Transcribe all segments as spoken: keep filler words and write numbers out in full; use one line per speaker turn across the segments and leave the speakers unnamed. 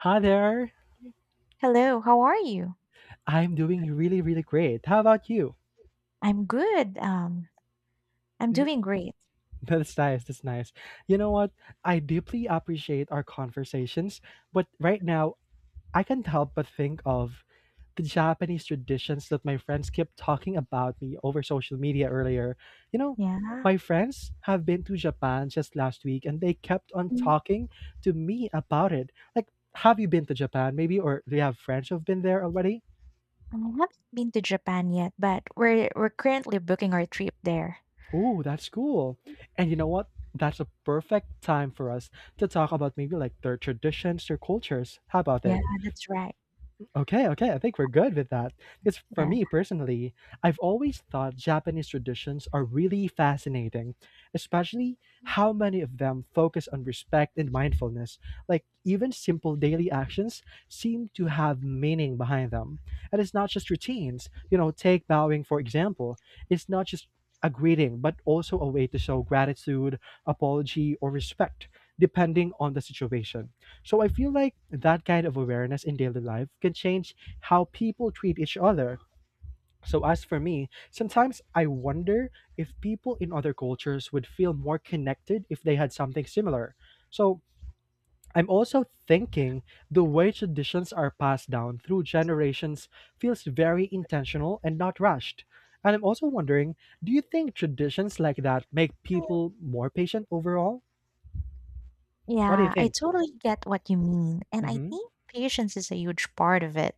Hi there.
Hello, how are you?
I'm doing really, really great. How about you?
I'm good, um, I'm doing great.
That's nice. That's nice. You know what? I deeply appreciate our conversations, but right now, I can't help but think of the Japanese traditions that my friends kept talking about me over social media earlier. You know,
Yeah.
my friends have been to Japan just last week and they kept on
Mm,
talking to me about it. Like, have you been to Japan maybe? Or do you have friends who've been there already?
I haven't been to Japan yet, but we're we're currently booking our trip there.
Ooh, that's cool. And you know what? That's a perfect time for us to talk about maybe like their traditions, their cultures. How about
Yeah,
it?
that's right.
Okay, okay. I think we're good with that. Because for
Yeah.
me personally, I've always thought Japanese traditions are really fascinating, especially how many of them focus on respect and mindfulness. Like, even simple daily actions seem to have meaning behind them. And it's not just routines. You know, take bowing, for example. It's not just a greeting, but also a way to show gratitude, apology, or respect, depending on the situation. So I feel like that kind of awareness in daily life can change how people treat each other. So as for me, sometimes I wonder if people in other cultures would feel more connected if they had something similar. So I'm also thinking the way traditions are passed down through generations feels very intentional and not rushed. And I'm also wondering, do you think traditions like that make people more patient overall? What do you
Yeah, I
think?
totally get what you mean, and I
Mm-hmm.
think patience is a huge part of it.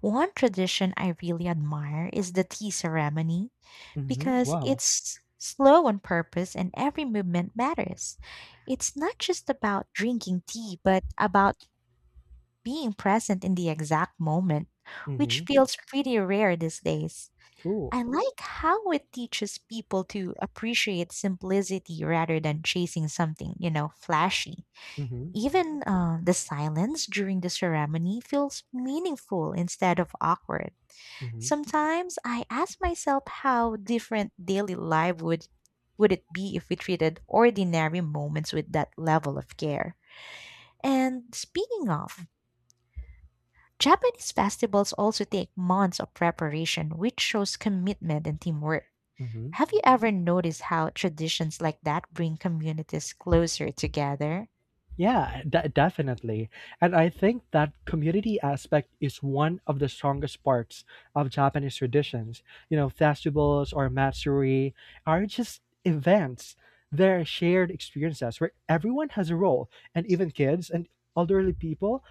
One tradition I really admire is the tea ceremony
Mm-hmm.
because
Wow.
it's slow on purpose and every movement matters. It's not just about drinking tea, but about being present in the exact moment,
Mm-hmm.
which feels pretty rare these days.
Cool.
I like how it teaches people to appreciate simplicity rather than chasing something, you know, flashy.
Mm-hmm,
Even uh, the silence during the ceremony feels meaningful instead of awkward.
mm-hmm,
Sometimes I ask myself how different daily life would would it be if we treated ordinary moments with that level of care. And speaking of, Japanese festivals also take months of preparation, which shows commitment and teamwork.
mm-hmm.
Have you ever noticed how traditions like that bring communities closer together?
Yeah, de- definitely. And I think that community aspect is one of the strongest parts of Japanese traditions. You know, festivals or matsuri are just events. They're shared experiences where everyone has a role, and even kids and elderly people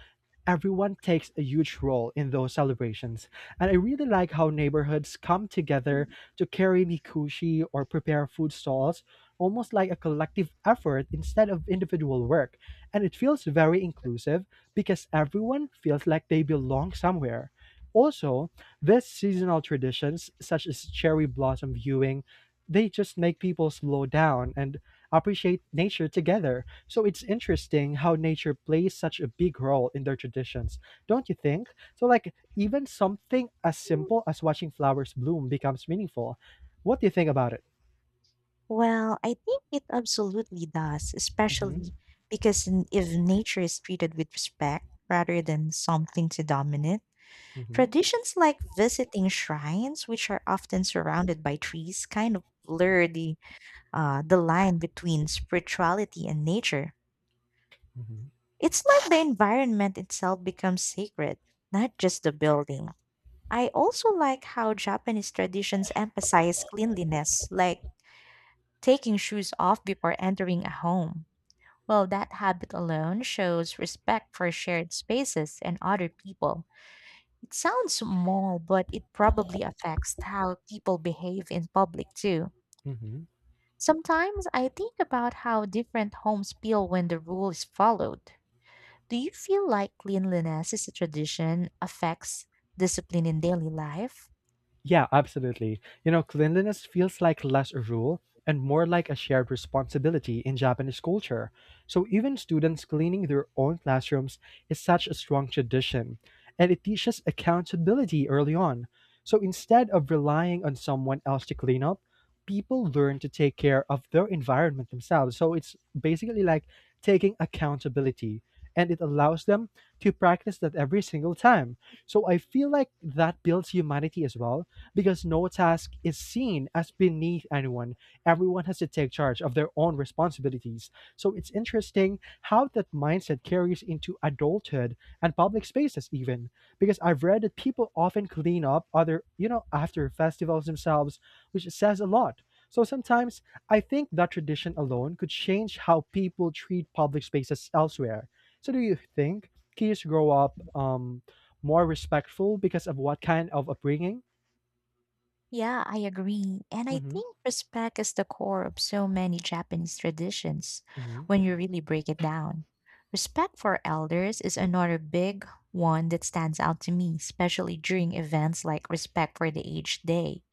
everyone takes a huge role in those celebrations. And I really like how neighborhoods come together to carry mikushi or prepare food stalls, almost like a collective effort instead of individual work. And it feels very inclusive because everyone feels like they belong somewhere. Also, these seasonal traditions, such as cherry blossom viewing, they just make people slow down and appreciate nature together. So it's interesting how nature plays such a big role in their traditions, don't you think? So, like, even something as simple as watching flowers bloom becomes meaningful. What do you think about it?
Well, I think it absolutely does,
Mm-hmm,
especially because n- if nature is treated with respect rather than something to dominate,
mm-hmm,
traditions like visiting shrines, which are often surrounded by trees, kind of blur the, uh, the line between spirituality and nature. It's like the environment itself becomes sacred, not just the building. I also like how Japanese traditions emphasize cleanliness, like taking shoes off before entering a home. Well, that habit alone shows respect for shared spaces and other people. It sounds small, but it probably affects how people behave in public too.
mm-hmm.
Sometimes I think about how different homes feel when the rule is followed. Do you feel like cleanliness is a tradition affects discipline in daily life?
Yeah, absolutely. You know, cleanliness feels like less a rule and more like a shared responsibility in Japanese culture. So even students cleaning their own classrooms is such a strong tradition, and it teaches accountability early on. So instead of relying on someone else to clean up, people learn to take care of their environment themselves. So it's basically like taking accountability, and it allows them to practice that every single time. So I feel like that builds humanity as well because no task is seen as beneath anyone. Everyone has to take charge of their own responsibilities. So it's interesting how that mindset carries into adulthood and public spaces, even because I've read that people often clean up other, you know, after festivals themselves, which says a lot. So sometimes I think that tradition alone could change how people treat public spaces elsewhere. So do you think kids grow up um, more respectful because of what kind of upbringing?
Yeah, I agree. And I
Mm-hmm.
think respect is the core of so many Japanese traditions
Mhm,
when you really break it down. Respect for elders is another big one that stands out to me, especially during events like Respect for the Aged Day.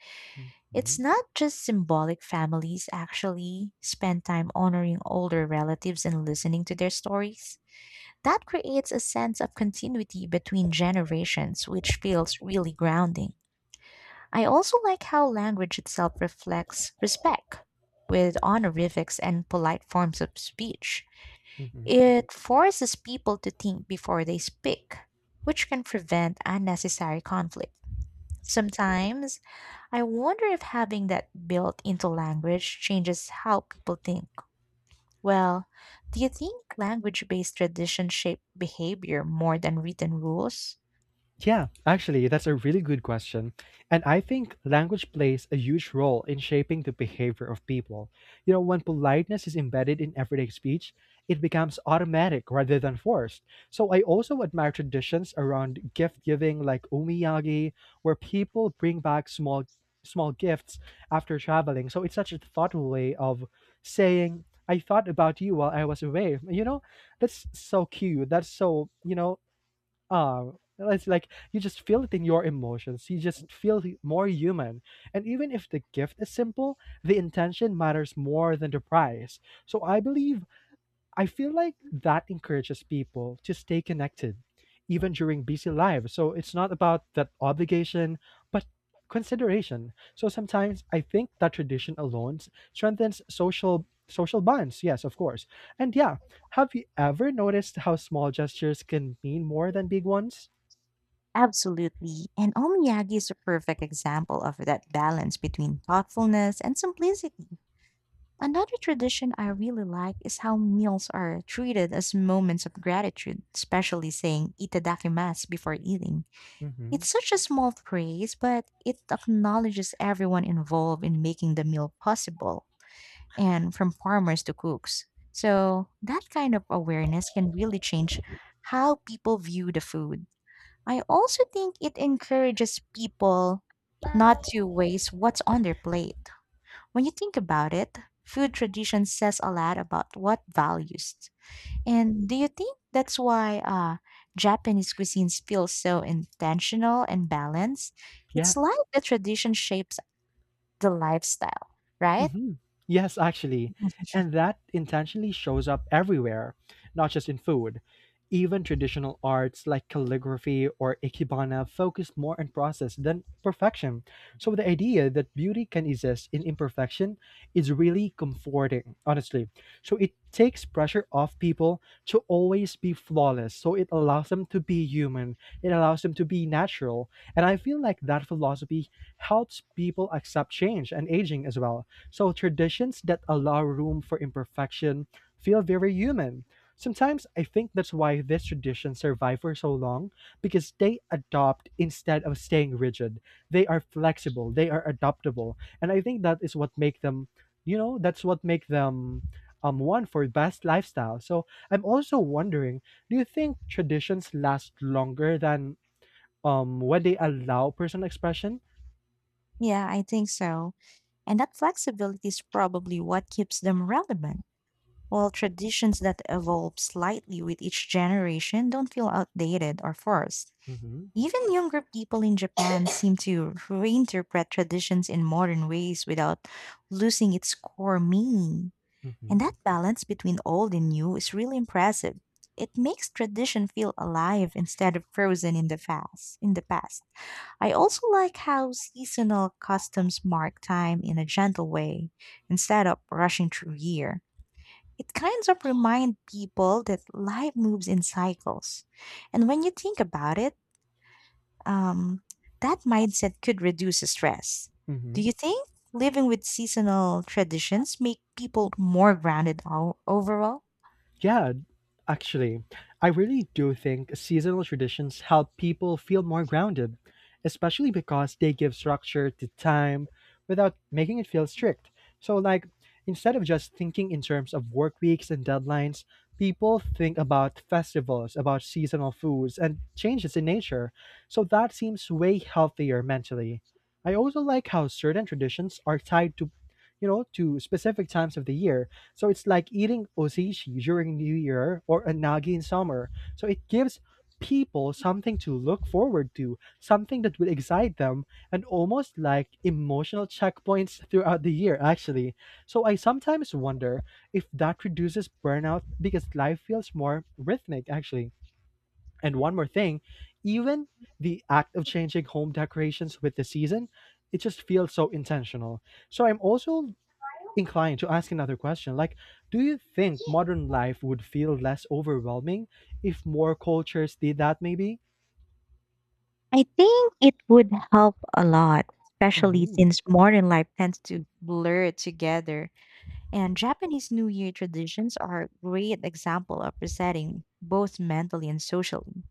It's
mhm,
not just symbolic, families actually spend time honoring older relatives and listening to their stories. That creates a sense of continuity between generations, which feels really grounding. I also like how language itself reflects respect with honorifics and polite forms of speech.
mhm.
It forces people to think before they speak, which can prevent unnecessary conflict. Sometimes, I wonder if having that built into language changes how people think. Well, do you think language based tradition shape behavior more than written rules?
Yeah, actually, that's a really good question. And I think language plays a huge role in shaping the behavior of people. You know, when politeness is embedded in everyday speech, it becomes automatic rather than forced. So I also admire traditions around gift giving like umiyagi, where people bring back small small gifts after traveling. So it's such a thoughtful way of saying I thought about you while I was away. You know, that's so cute. That's so, you know, ah, it's like you just feel it in your emotions. You just feel hu- more human. And even if the gift is simple, the intention matters more than the price. So I believe I feel like that encourages people to stay connected even during busy lives. So it's not about that obligation, but consideration. So sometimes I think that tradition alone s- strengthens social social bonds. Yes, of course. And yeah, have you ever noticed how small gestures can mean more than big ones?
Absolutely. And omiyagi is a perfect example of that balance between thoughtfulness and simplicity. Another tradition I really like is how meals are treated as moments of gratitude, especially saying itadakimasu before eating.
Hmm.
It's such a small praise, but it acknowledges everyone involved in making the meal possible, and from farmers to cooks. So that kind of awareness can really change how people view the food. I also think it encourages people not to waste what's on their plate. When you think about it, food tradition says a lot about what values. And do you think that's why uh, Japanese cuisine feels so intentional and balanced?
Yeah.
It's like the tradition shapes the lifestyle, right?
Hmm. Yes, actually. And that intentionally shows up everywhere, not just in food. Even traditional arts like calligraphy or ikebana focus more on process than perfection. So the idea that beauty can exist in imperfection is really comforting, honestly. So it takes pressure off people to always be flawless. So it allows them to be human, it allows them to be natural. And I feel like that philosophy helps people accept change and aging as well so traditions that allow room for imperfection feel very human. Sometimes I think that's why these traditions survive for so long because they adopt instead of staying rigid. They are flexible, they are adaptable, and I think that is what make them, you know, that's what make them um one for best lifestyle. So I'm also wondering, do you think traditions last longer than um when they allow personal expression?
Yeah, I think so. And that flexibility is probably what keeps them relevant. While traditions that evolve slightly with each generation don't feel outdated or forced.
Mm-hmm.
Even younger people in Japan seem to reinterpret traditions in modern ways without losing its core meaning.
Mm-hmm.
And that balance between old and new is really impressive. It makes tradition feel alive instead of frozen in the past. In the past. I also like how seasonal customs mark time in a gentle way instead of rushing through year. It kind of reminds people that life moves in cycles. And when you think about it, um, that mindset could reduce stress.
Mm-hmm.
Do you think living with seasonal traditions make people more grounded o- overall?
Yeah, actually, I really do think seasonal traditions help people feel more grounded, especially because they give structure to time without making it feel strict. So, like, instead of just thinking in terms of work weeks and deadlines, people think about festivals, about seasonal foods, and changes in nature. So, that seems way healthier mentally. I also like how certain traditions are tied to, you know, to specific times of the year so it's like eating osechi during New Year or a nagi in summer. So it gives people something to look forward to, something that will excite them, and almost like emotional checkpoints throughout the year, actually. So I sometimes wonder if that reduces burnout because life feels more rhythmic, actually. And one more thing, even the act of changing home decorations with the season, it just feels so intentional. So I'm also inclined to ask another question. Like, do you think modern life would feel less overwhelming if more cultures did that? Maybe.
I think it would help a lot, especially
Mm-hmm.
since modern life tends to blur together. And Japanese New Year traditions are a great example of resetting both mentally and socially.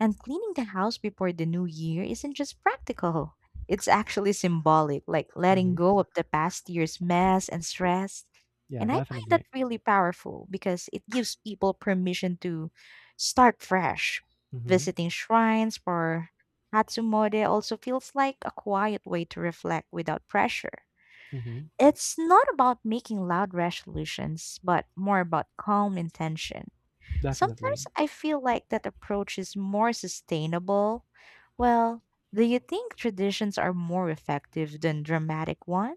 And cleaning the house before the new year isn't just practical. It's actually symbolic, like letting
Mm-hmm.
go of the past year's mess and stress.
Yeah,
And I find that
definitely.
really powerful because it gives people permission to start fresh.
Mm-hmm.
Visiting shrines for Hatsumode also feels like a quiet way to reflect without pressure.
Mm-hmm.
It's not about making loud resolutions, but more about calm intention.
Definitely.
Sometimes I feel like that approach is more sustainable. Well, do you think traditions are more effective than dramatic one?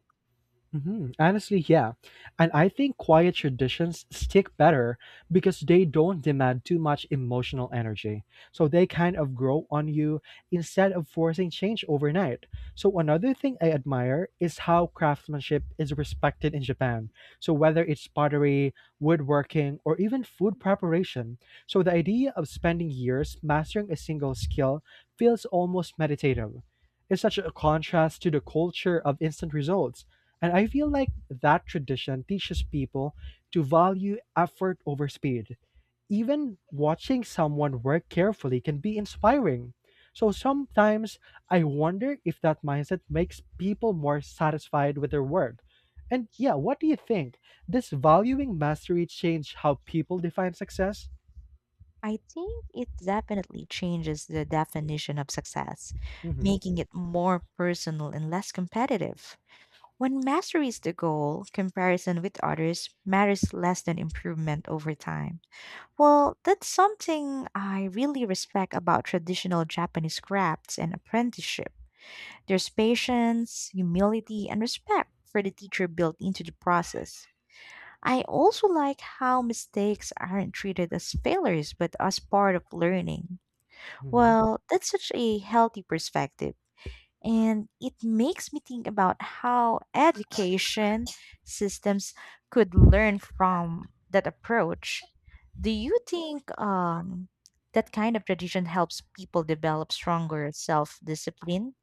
Mhm. Honestly, yeah. And I think quiet traditions stick better because they don't demand too much emotional energy. So they kind of grow on you instead of forcing change overnight. So another thing I admire is how craftsmanship is respected in Japan. So whether it's pottery, woodworking, or even food preparation. So the idea of spending years mastering a single skill feels almost meditative. It's such a contrast to the culture of instant results and I feel like that tradition teaches people to value effort over speed. Even watching someone work carefully can be inspiring. So sometimes I wonder if that mindset makes people more satisfied with their work. And yeah, what do you think? Does valuing mastery change how people define success?
I think it definitely changes the definition of success,
Hmm.
making it more personal and less competitive. When mastery is the goal, comparison with others matters less than improvement over time. Well, that's something I really respect about traditional Japanese crafts and apprenticeship. There's patience, humility, and respect for the teacher built into the process. I also like how mistakes aren't treated as failures but as part of learning. Well, that's such a healthy perspective. And it makes me think about how education systems could learn from that approach. Do you think um, that kind of tradition helps people develop stronger self discipline?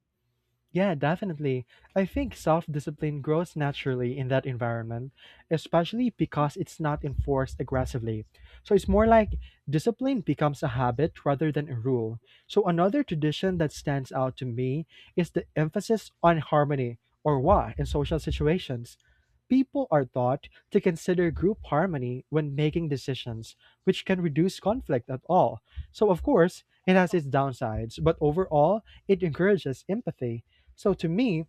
Yeah, definitely. I think self discipline grows naturally in that environment, especially because it's not enforced aggressively. So it's more like discipline becomes a habit rather than a rule. So another tradition that stands out to me is the emphasis on harmony or wa in social situations. People are taught to consider group harmony when making decisions, which can reduce conflict at all. So, of course, it has its downsides, but overall, it encourages empathy so to me,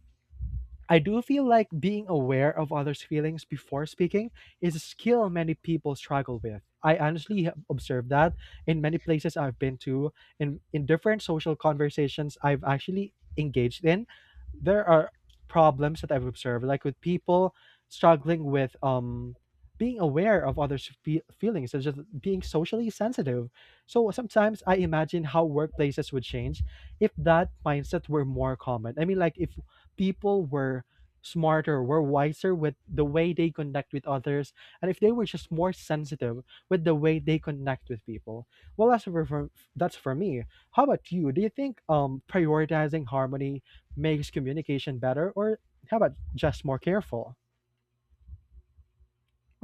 I do feel like being aware of others' feelings before speaking is a skill many people struggle with. I honestly have observed that in many places I've been to, in, in different social conversations I've actually engaged in, there are problems that I've observed, like with people struggling with um being aware of others' fe- feelings, such as being socially sensitive. So sometimes I imagine how workplaces would change if that mindset were more common. I mean, like if people were smarter, were wiser with the way they connect with others, and if they were just more sensitive with the way they connect with people. Well, that's for, for that's for me. How about you? Do you think um prioritizing harmony makes communication better, or how about just more careful?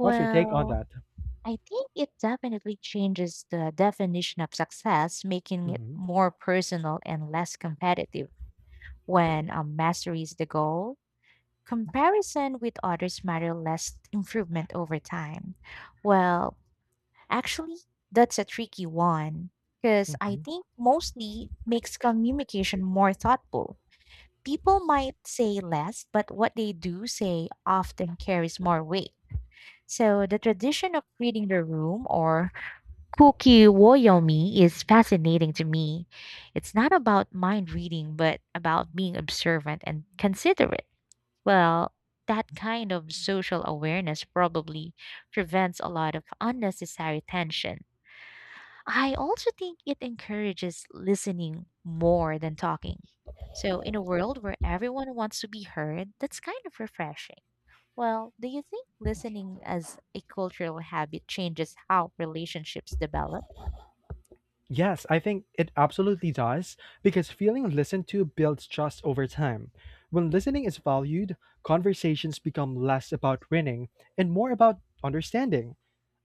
What's your take on that?
I think it definitely changes the definition of success, making it
Hmm.
more personal and less competitive when um, mastery is the goal. Comparison with others matter less improvement over time. Well, actually, that's a tricky one because I think mostly makes communication more thoughtful. People might say less, but what they do say often carries more weight. So the tradition of reading the room or kuki woyomi is fascinating to me. It's not about mind reading, but about being observant and considerate. Well, that kind of social awareness probably prevents a lot of unnecessary tension. I also think it encourages listening more than talking. So, in a world where everyone wants to be heard, that's kind of refreshing. Well, do you think listening as a cultural habit changes how relationships develop?
Yes, I think it absolutely does because feeling listened to builds trust over time. When listening is valued, conversations become less about winning and more about understanding.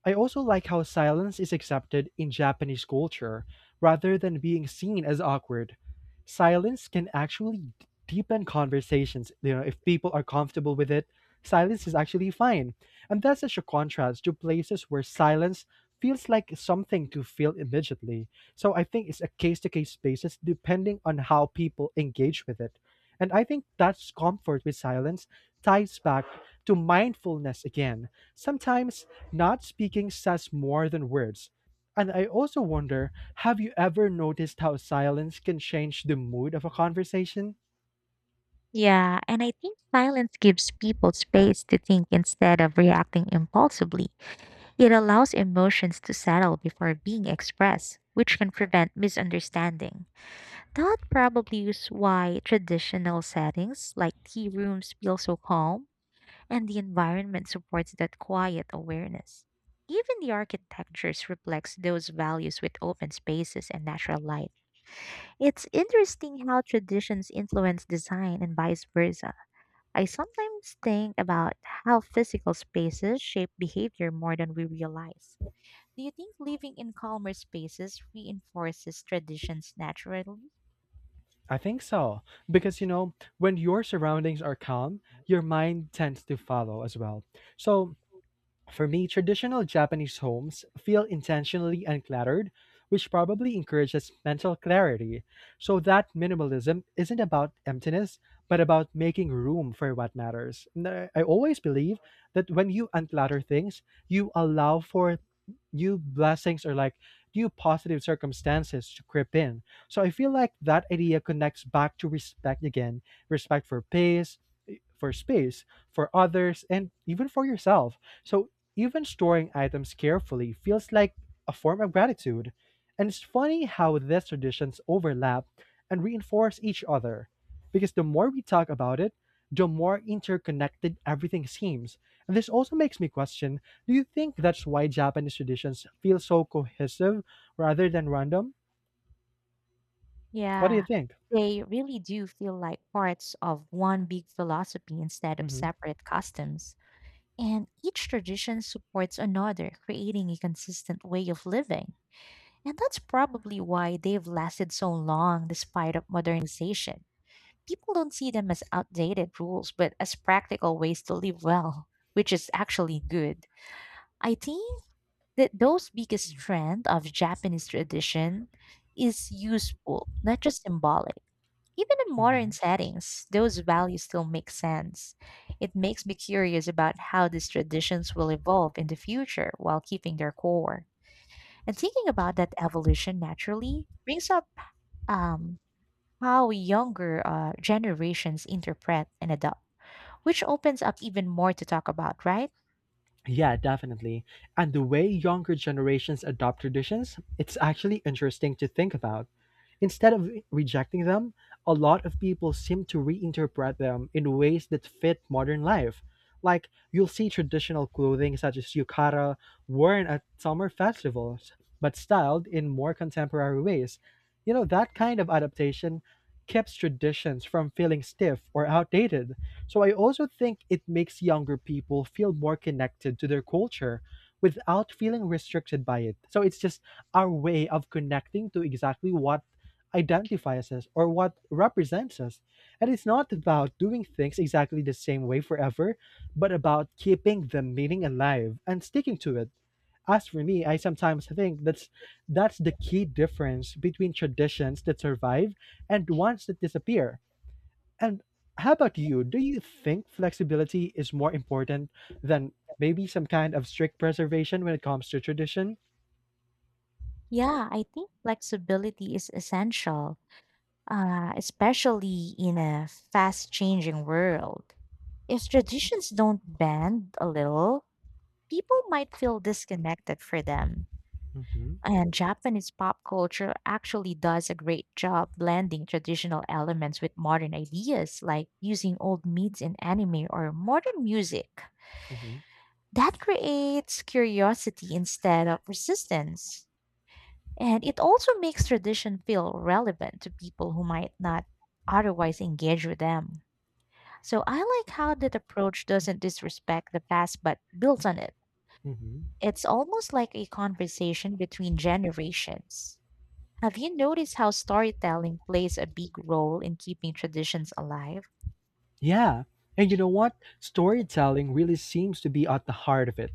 I also like how silence is accepted in Japanese culture rather than being seen as awkward. Silence can actually d- deepen conversations. You know, if people are comfortable with it, silence is actually fine. And that's such a contrast to places where silence feels like something to feel immediately. So I think it's a case to case basis depending on how people engage with it. And I think that comfort with silence ties back to mindfulness again. Sometimes not speaking says more than words. And I also wonder, have you ever noticed how silence can change the mood of a conversation?
Yeah, and I think silence gives people space to think instead of reacting impulsively. It allows emotions to settle before being expressed, which can prevent misunderstanding. That probably is why traditional settings like tea rooms feel so calm, and the environment supports that quiet awareness. Even the architectures reflects those values with open spaces and natural light. It's interesting how traditions influence design and vice versa. I sometimes think about how physical spaces shape behavior more than we realize. Do you think living in calmer spaces reinforces traditions naturally?
I think so. Because, you know, when your surroundings are calm, your mind tends to follow as well. So, for me, traditional Japanese homes feel intentionally uncluttered, which probably encourages mental clarity, so that minimalism isn't about emptiness, but about making room for what matters. And I I always believe that when you unclutter things, you allow for new blessings, or like new positive circumstances to creep in. So I feel like that idea connects back to respect again, respect for pace, for space, for others, and even for yourself. So even storing items carefully feels like a form of gratitude. And it's funny how these traditions overlap and reinforce each other. Because the more we talk about it, the more interconnected everything seems. And this also makes me question, do you think that's why Japanese traditions feel so cohesive rather than random? What do you
Yeah,
think?
they really do feel like parts of one big philosophy instead of
Hmm.
separate customs. And each tradition supports another, creating a consistent way of living. And that's probably why they've lasted so long despite of modernization. People don't see them as outdated rules, but as practical ways to live well, which is actually good. I think that those biggest trend of Japanese tradition is useful, not just symbolic. Even in modern
Hmm.
settings, those values still make sense. It makes me curious about how these traditions will evolve in the future while keeping their core. And thinking about that evolution naturally brings up um, how younger uh, generations interpret and adopt, which opens up even more to talk about, right?
Yeah, definitely. And the way younger generations adopt traditions, it's actually interesting to think about. Instead of rejecting them, a lot of people seem to reinterpret them in ways that fit modern life. Like, you'll see traditional clothing such as yukata worn at summer festivals, but styled in more contemporary ways. You know, that kind of adaptation keeps traditions from feeling stiff or outdated. So, I also think it makes younger people feel more connected to their culture without feeling restricted by it. So, it's just our way of connecting to exactly what identifies us or what represents us. And it's not about doing things exactly the same way forever, but about keeping the meaning alive and sticking to it. As for me, I sometimes think that's that's the key difference between traditions that survive and ones that disappear. And how about you? Do you think flexibility is more important than maybe some kind of strict preservation when it comes to tradition?
Yeah, I think flexibility is essential, uh, especially in a fast changing world. If traditions don't bend a little, people might feel disconnected for them.
Mm-hmm,
And Japanese pop culture actually does a great job blending traditional elements with modern ideas, like using old myths in anime or modern music.
mm-hmm,
That creates curiosity instead of resistance. And it also makes tradition feel relevant to people who might not otherwise engage with them. So I like how that approach doesn't disrespect the past but builds on it.
mm-hmm.
It's almost like a conversation between generations. Have you noticed how storytelling plays a big role in keeping traditions alive?
Yeah, and you know what? Storytelling really seems to be at the heart of it.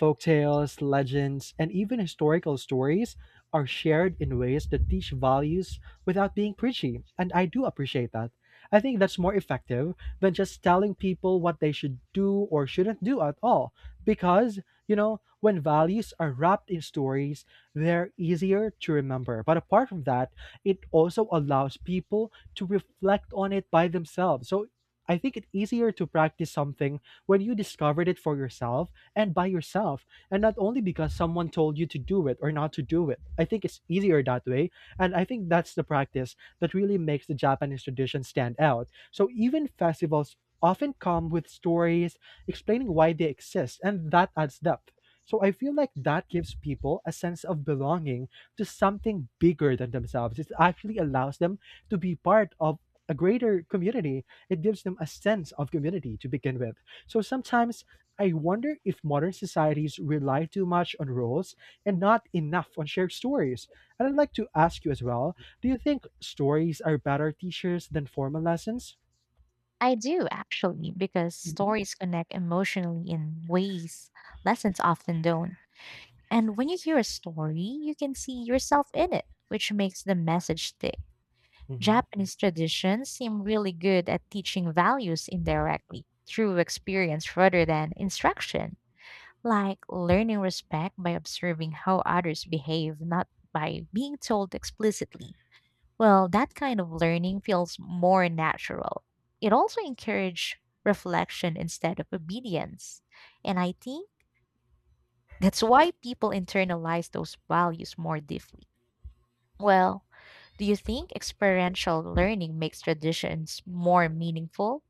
Folktales, legends, and even historical stories are shared in ways that teach values without being preachy, and I do appreciate that. I think that's more effective than just telling people what they should do or shouldn't do at all. Because, you know, when values are wrapped in stories, they're easier to remember. But apart from that, it also allows people to reflect on it by themselves. So I think it's easier to practice something when you discovered it for yourself and by yourself, and not only because someone told you to do it or not to do it. I think it's easier that way. And I think that's the practice that really makes the Japanese tradition stand out. So even festivals often come with stories explaining why they exist, and that adds depth. So I feel like that gives people a sense of belonging to something bigger than themselves. It actually allows them to be part of a greater community, it gives them a sense of community to begin with. So sometimes I wonder if modern societies rely too much on roles and not enough on shared stories. And I'd like to ask you as well, do you think stories are better teachers than formal lessons?
I do, actually, because
Mhm.
stories connect emotionally in ways lessons often don't. And when you hear a story, you can see yourself in it, which makes the message stick.
Mhm.
Japanese traditions seem really good at teaching values indirectly through experience rather than instruction, like learning respect by observing how others behave, not by being told explicitly. Well, that kind of learning feels more natural. It also encourages reflection instead of obedience. And I think that's why people internalize those values more deeply. Well, do you think experiential learning makes traditions more meaningful?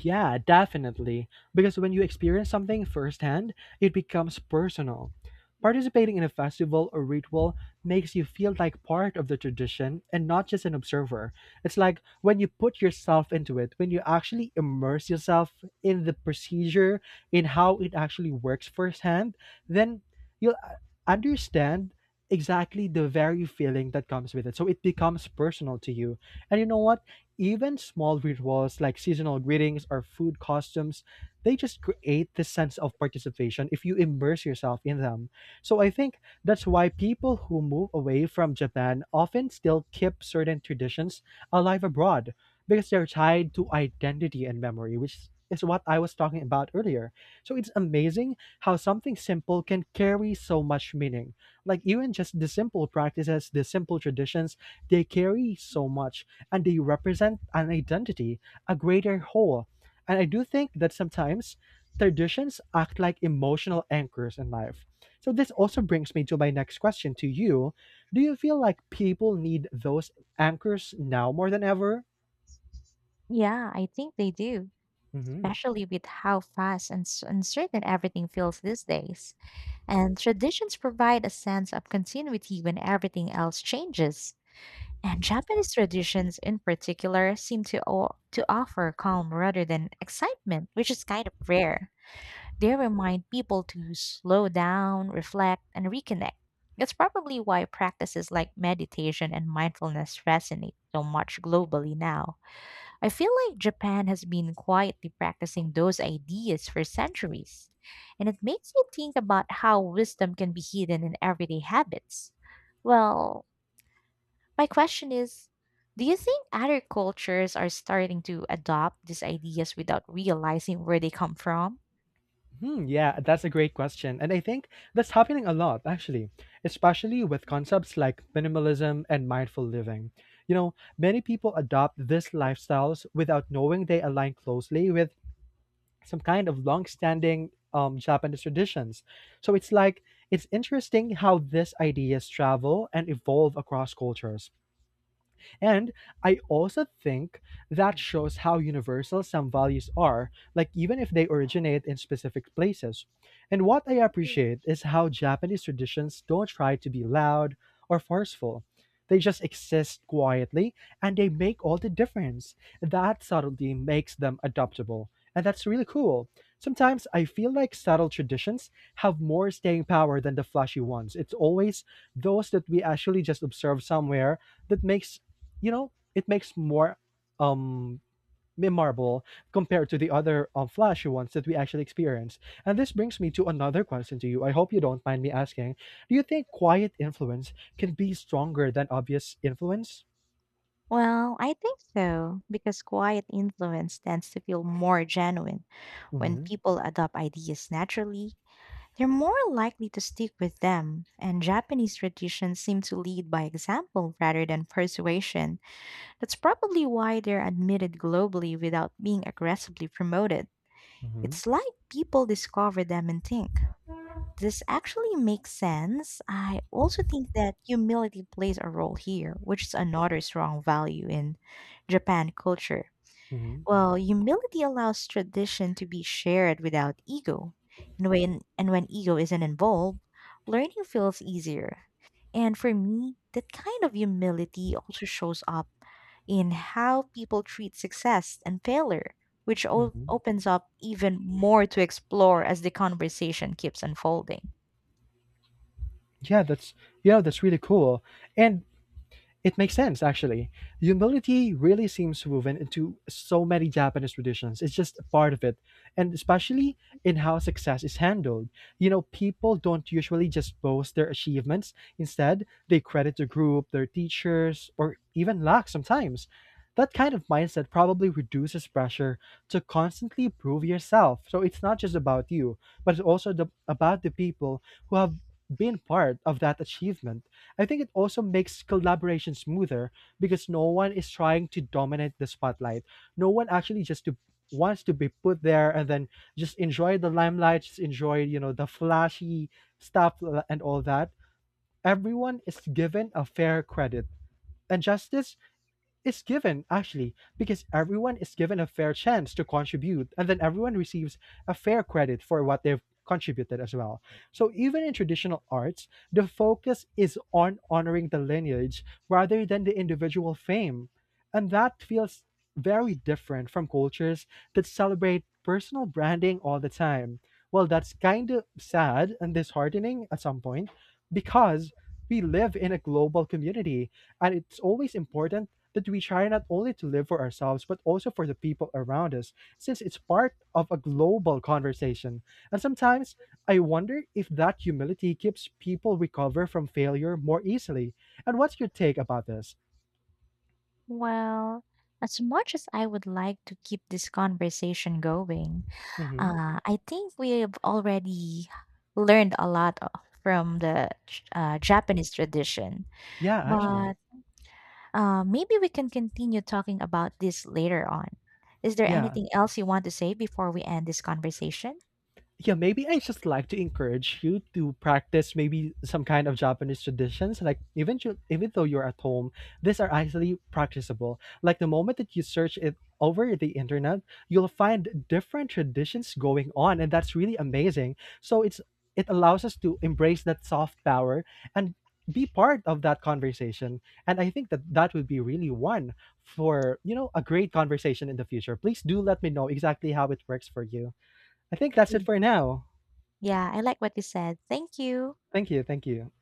Yeah, definitely. Because when you experience something firsthand, it becomes personal. Participating in a festival or ritual makes you feel like part of the tradition and not just an observer. It's like when you put yourself into it, when you actually immerse yourself in the procedure, in how it actually works firsthand, then you'll uh, understand exactly the very feeling that comes with it. So it becomes personal to you. And you know what? Even small rituals like seasonal greetings or food customs, they just create this sense of participation if you immerse yourself in them. So I think that's why people who move away from Japan often still keep certain traditions alive abroad, because they're tied to identity and memory, which is what I was talking about earlier. So it's amazing how something simple can carry so much meaning. Like even just the simple practices, the simple traditions, they carry so much and they represent an identity, a greater whole. And I do think that sometimes traditions act like emotional anchors in life. So this also brings me to my next question to you. Do you feel like people need those anchors now more than ever?
Yeah, I think they do,
Hmm.
especially with how fast and s- uncertain everything feels these days. And traditions provide a sense of continuity when everything else changes. And Japanese traditions in particular seem to o- to offer calm rather than excitement, which is kind of rare. They remind people to slow down, reflect, and reconnect. That's probably why practices like meditation and mindfulness resonate so much globally now. I feel like Japan has been quietly practicing those ideas for centuries, and it makes me think about how wisdom can be hidden in everyday habits. Well, my question is, do you think other cultures are starting to adopt these ideas without realizing where they come from?
Hmm, yeah, that's a great question. And I think that's happening a lot, actually, especially with concepts like minimalism and mindful living. You know, many people adopt these lifestyles without knowing they align closely with some kind of long-standing um, Japanese traditions. So it's like, it's interesting how these ideas travel and evolve across cultures. And I also think that shows how universal some values are, like even if they originate in specific places. And what I appreciate is how Japanese traditions don't try to be loud or forceful. They just exist quietly and they make all the difference. That subtlety makes them adoptable. And that's really cool. Sometimes I feel like subtle traditions have more staying power than the flashy ones. It's always those that we actually just observe somewhere that makes, you know, it makes more um memorable compared to the other um, flashy ones that we actually experience. And this brings me to another question to you. I hope you don't mind me asking. Do you think quiet influence can be stronger than obvious influence?
Well, I think so, because quiet influence tends to feel more genuine. When
Mm-hmm,
people adopt ideas naturally, they're more likely to stick with them, and Japanese traditions seem to lead by example rather than persuasion. That's probably why they're admitted globally without being aggressively promoted.
mm-hmm,
It's like people discover them and think. This actually makes sense. I also think that humility plays a role here, which is another strong value in Japan culture.
mm-hmm,
Well, humility allows tradition to be shared without ego. And when and when ego isn't involved, learning feels easier. And for me, that kind of humility also shows up in how people treat success and failure, which o-
mm-hmm.
opens up even more to explore as the conversation keeps unfolding.
Yeah, that's, you know, that's really cool. And it makes sense, actually. Humility really seems woven into so many Japanese traditions. It's just a part of it. And especially in how success is handled. You know, people don't usually just boast their achievements. Instead, they credit the group, their teachers, or even luck sometimes. That kind of mindset probably reduces pressure to constantly prove yourself. So it's not just about you, but it's also the, about the people who have been part of that achievement. I think it also makes collaboration smoother because no one is trying to dominate the spotlight. No one actually just to wants to be put there and then just enjoy the limelight, just enjoy, you know, the flashy stuff uh, and all that. Everyone is given a fair credit. And justice is given actually, because everyone is given a fair chance to contribute, and then everyone receives a fair credit for what they've contributed as well. So even in traditional arts, the focus is on honoring the lineage rather than the individual fame. And that feels very different from cultures that celebrate personal branding all the time. Well, that's kind of sad and disheartening at some point, because we live in a global community, and it's always important that we try not only to live for ourselves, but also for the people around us, since it's part of a global conversation. And sometimes I wonder if that humility keeps people recover from failure more easily. And what's your take about this?
Well, as much as I would like to keep this conversation going,
Hmm.
uh, I think we've already learned a lot o- from the J- uh, Japanese tradition.
Yeah, actually.
But uh, maybe we can continue talking about this later on. Is there
Yeah.
anything else you want to say before we end this conversation?
Yeah, maybe I just like to encourage you to practice maybe some kind of Japanese traditions. Like even ju- even though you're at home, these are actually practicable. Like the moment that you search it over the internet, you'll find different traditions going on, and that's really amazing. So it's, it allows us to embrace that soft power and be part of that conversation. And I think that that would be really one for, you know, a great conversation in the future. Please do let me know exactly how it works for you. I think that's it
Y-
for now.
Yeah, I like what you said. Thank you.
Thank you. Thank you.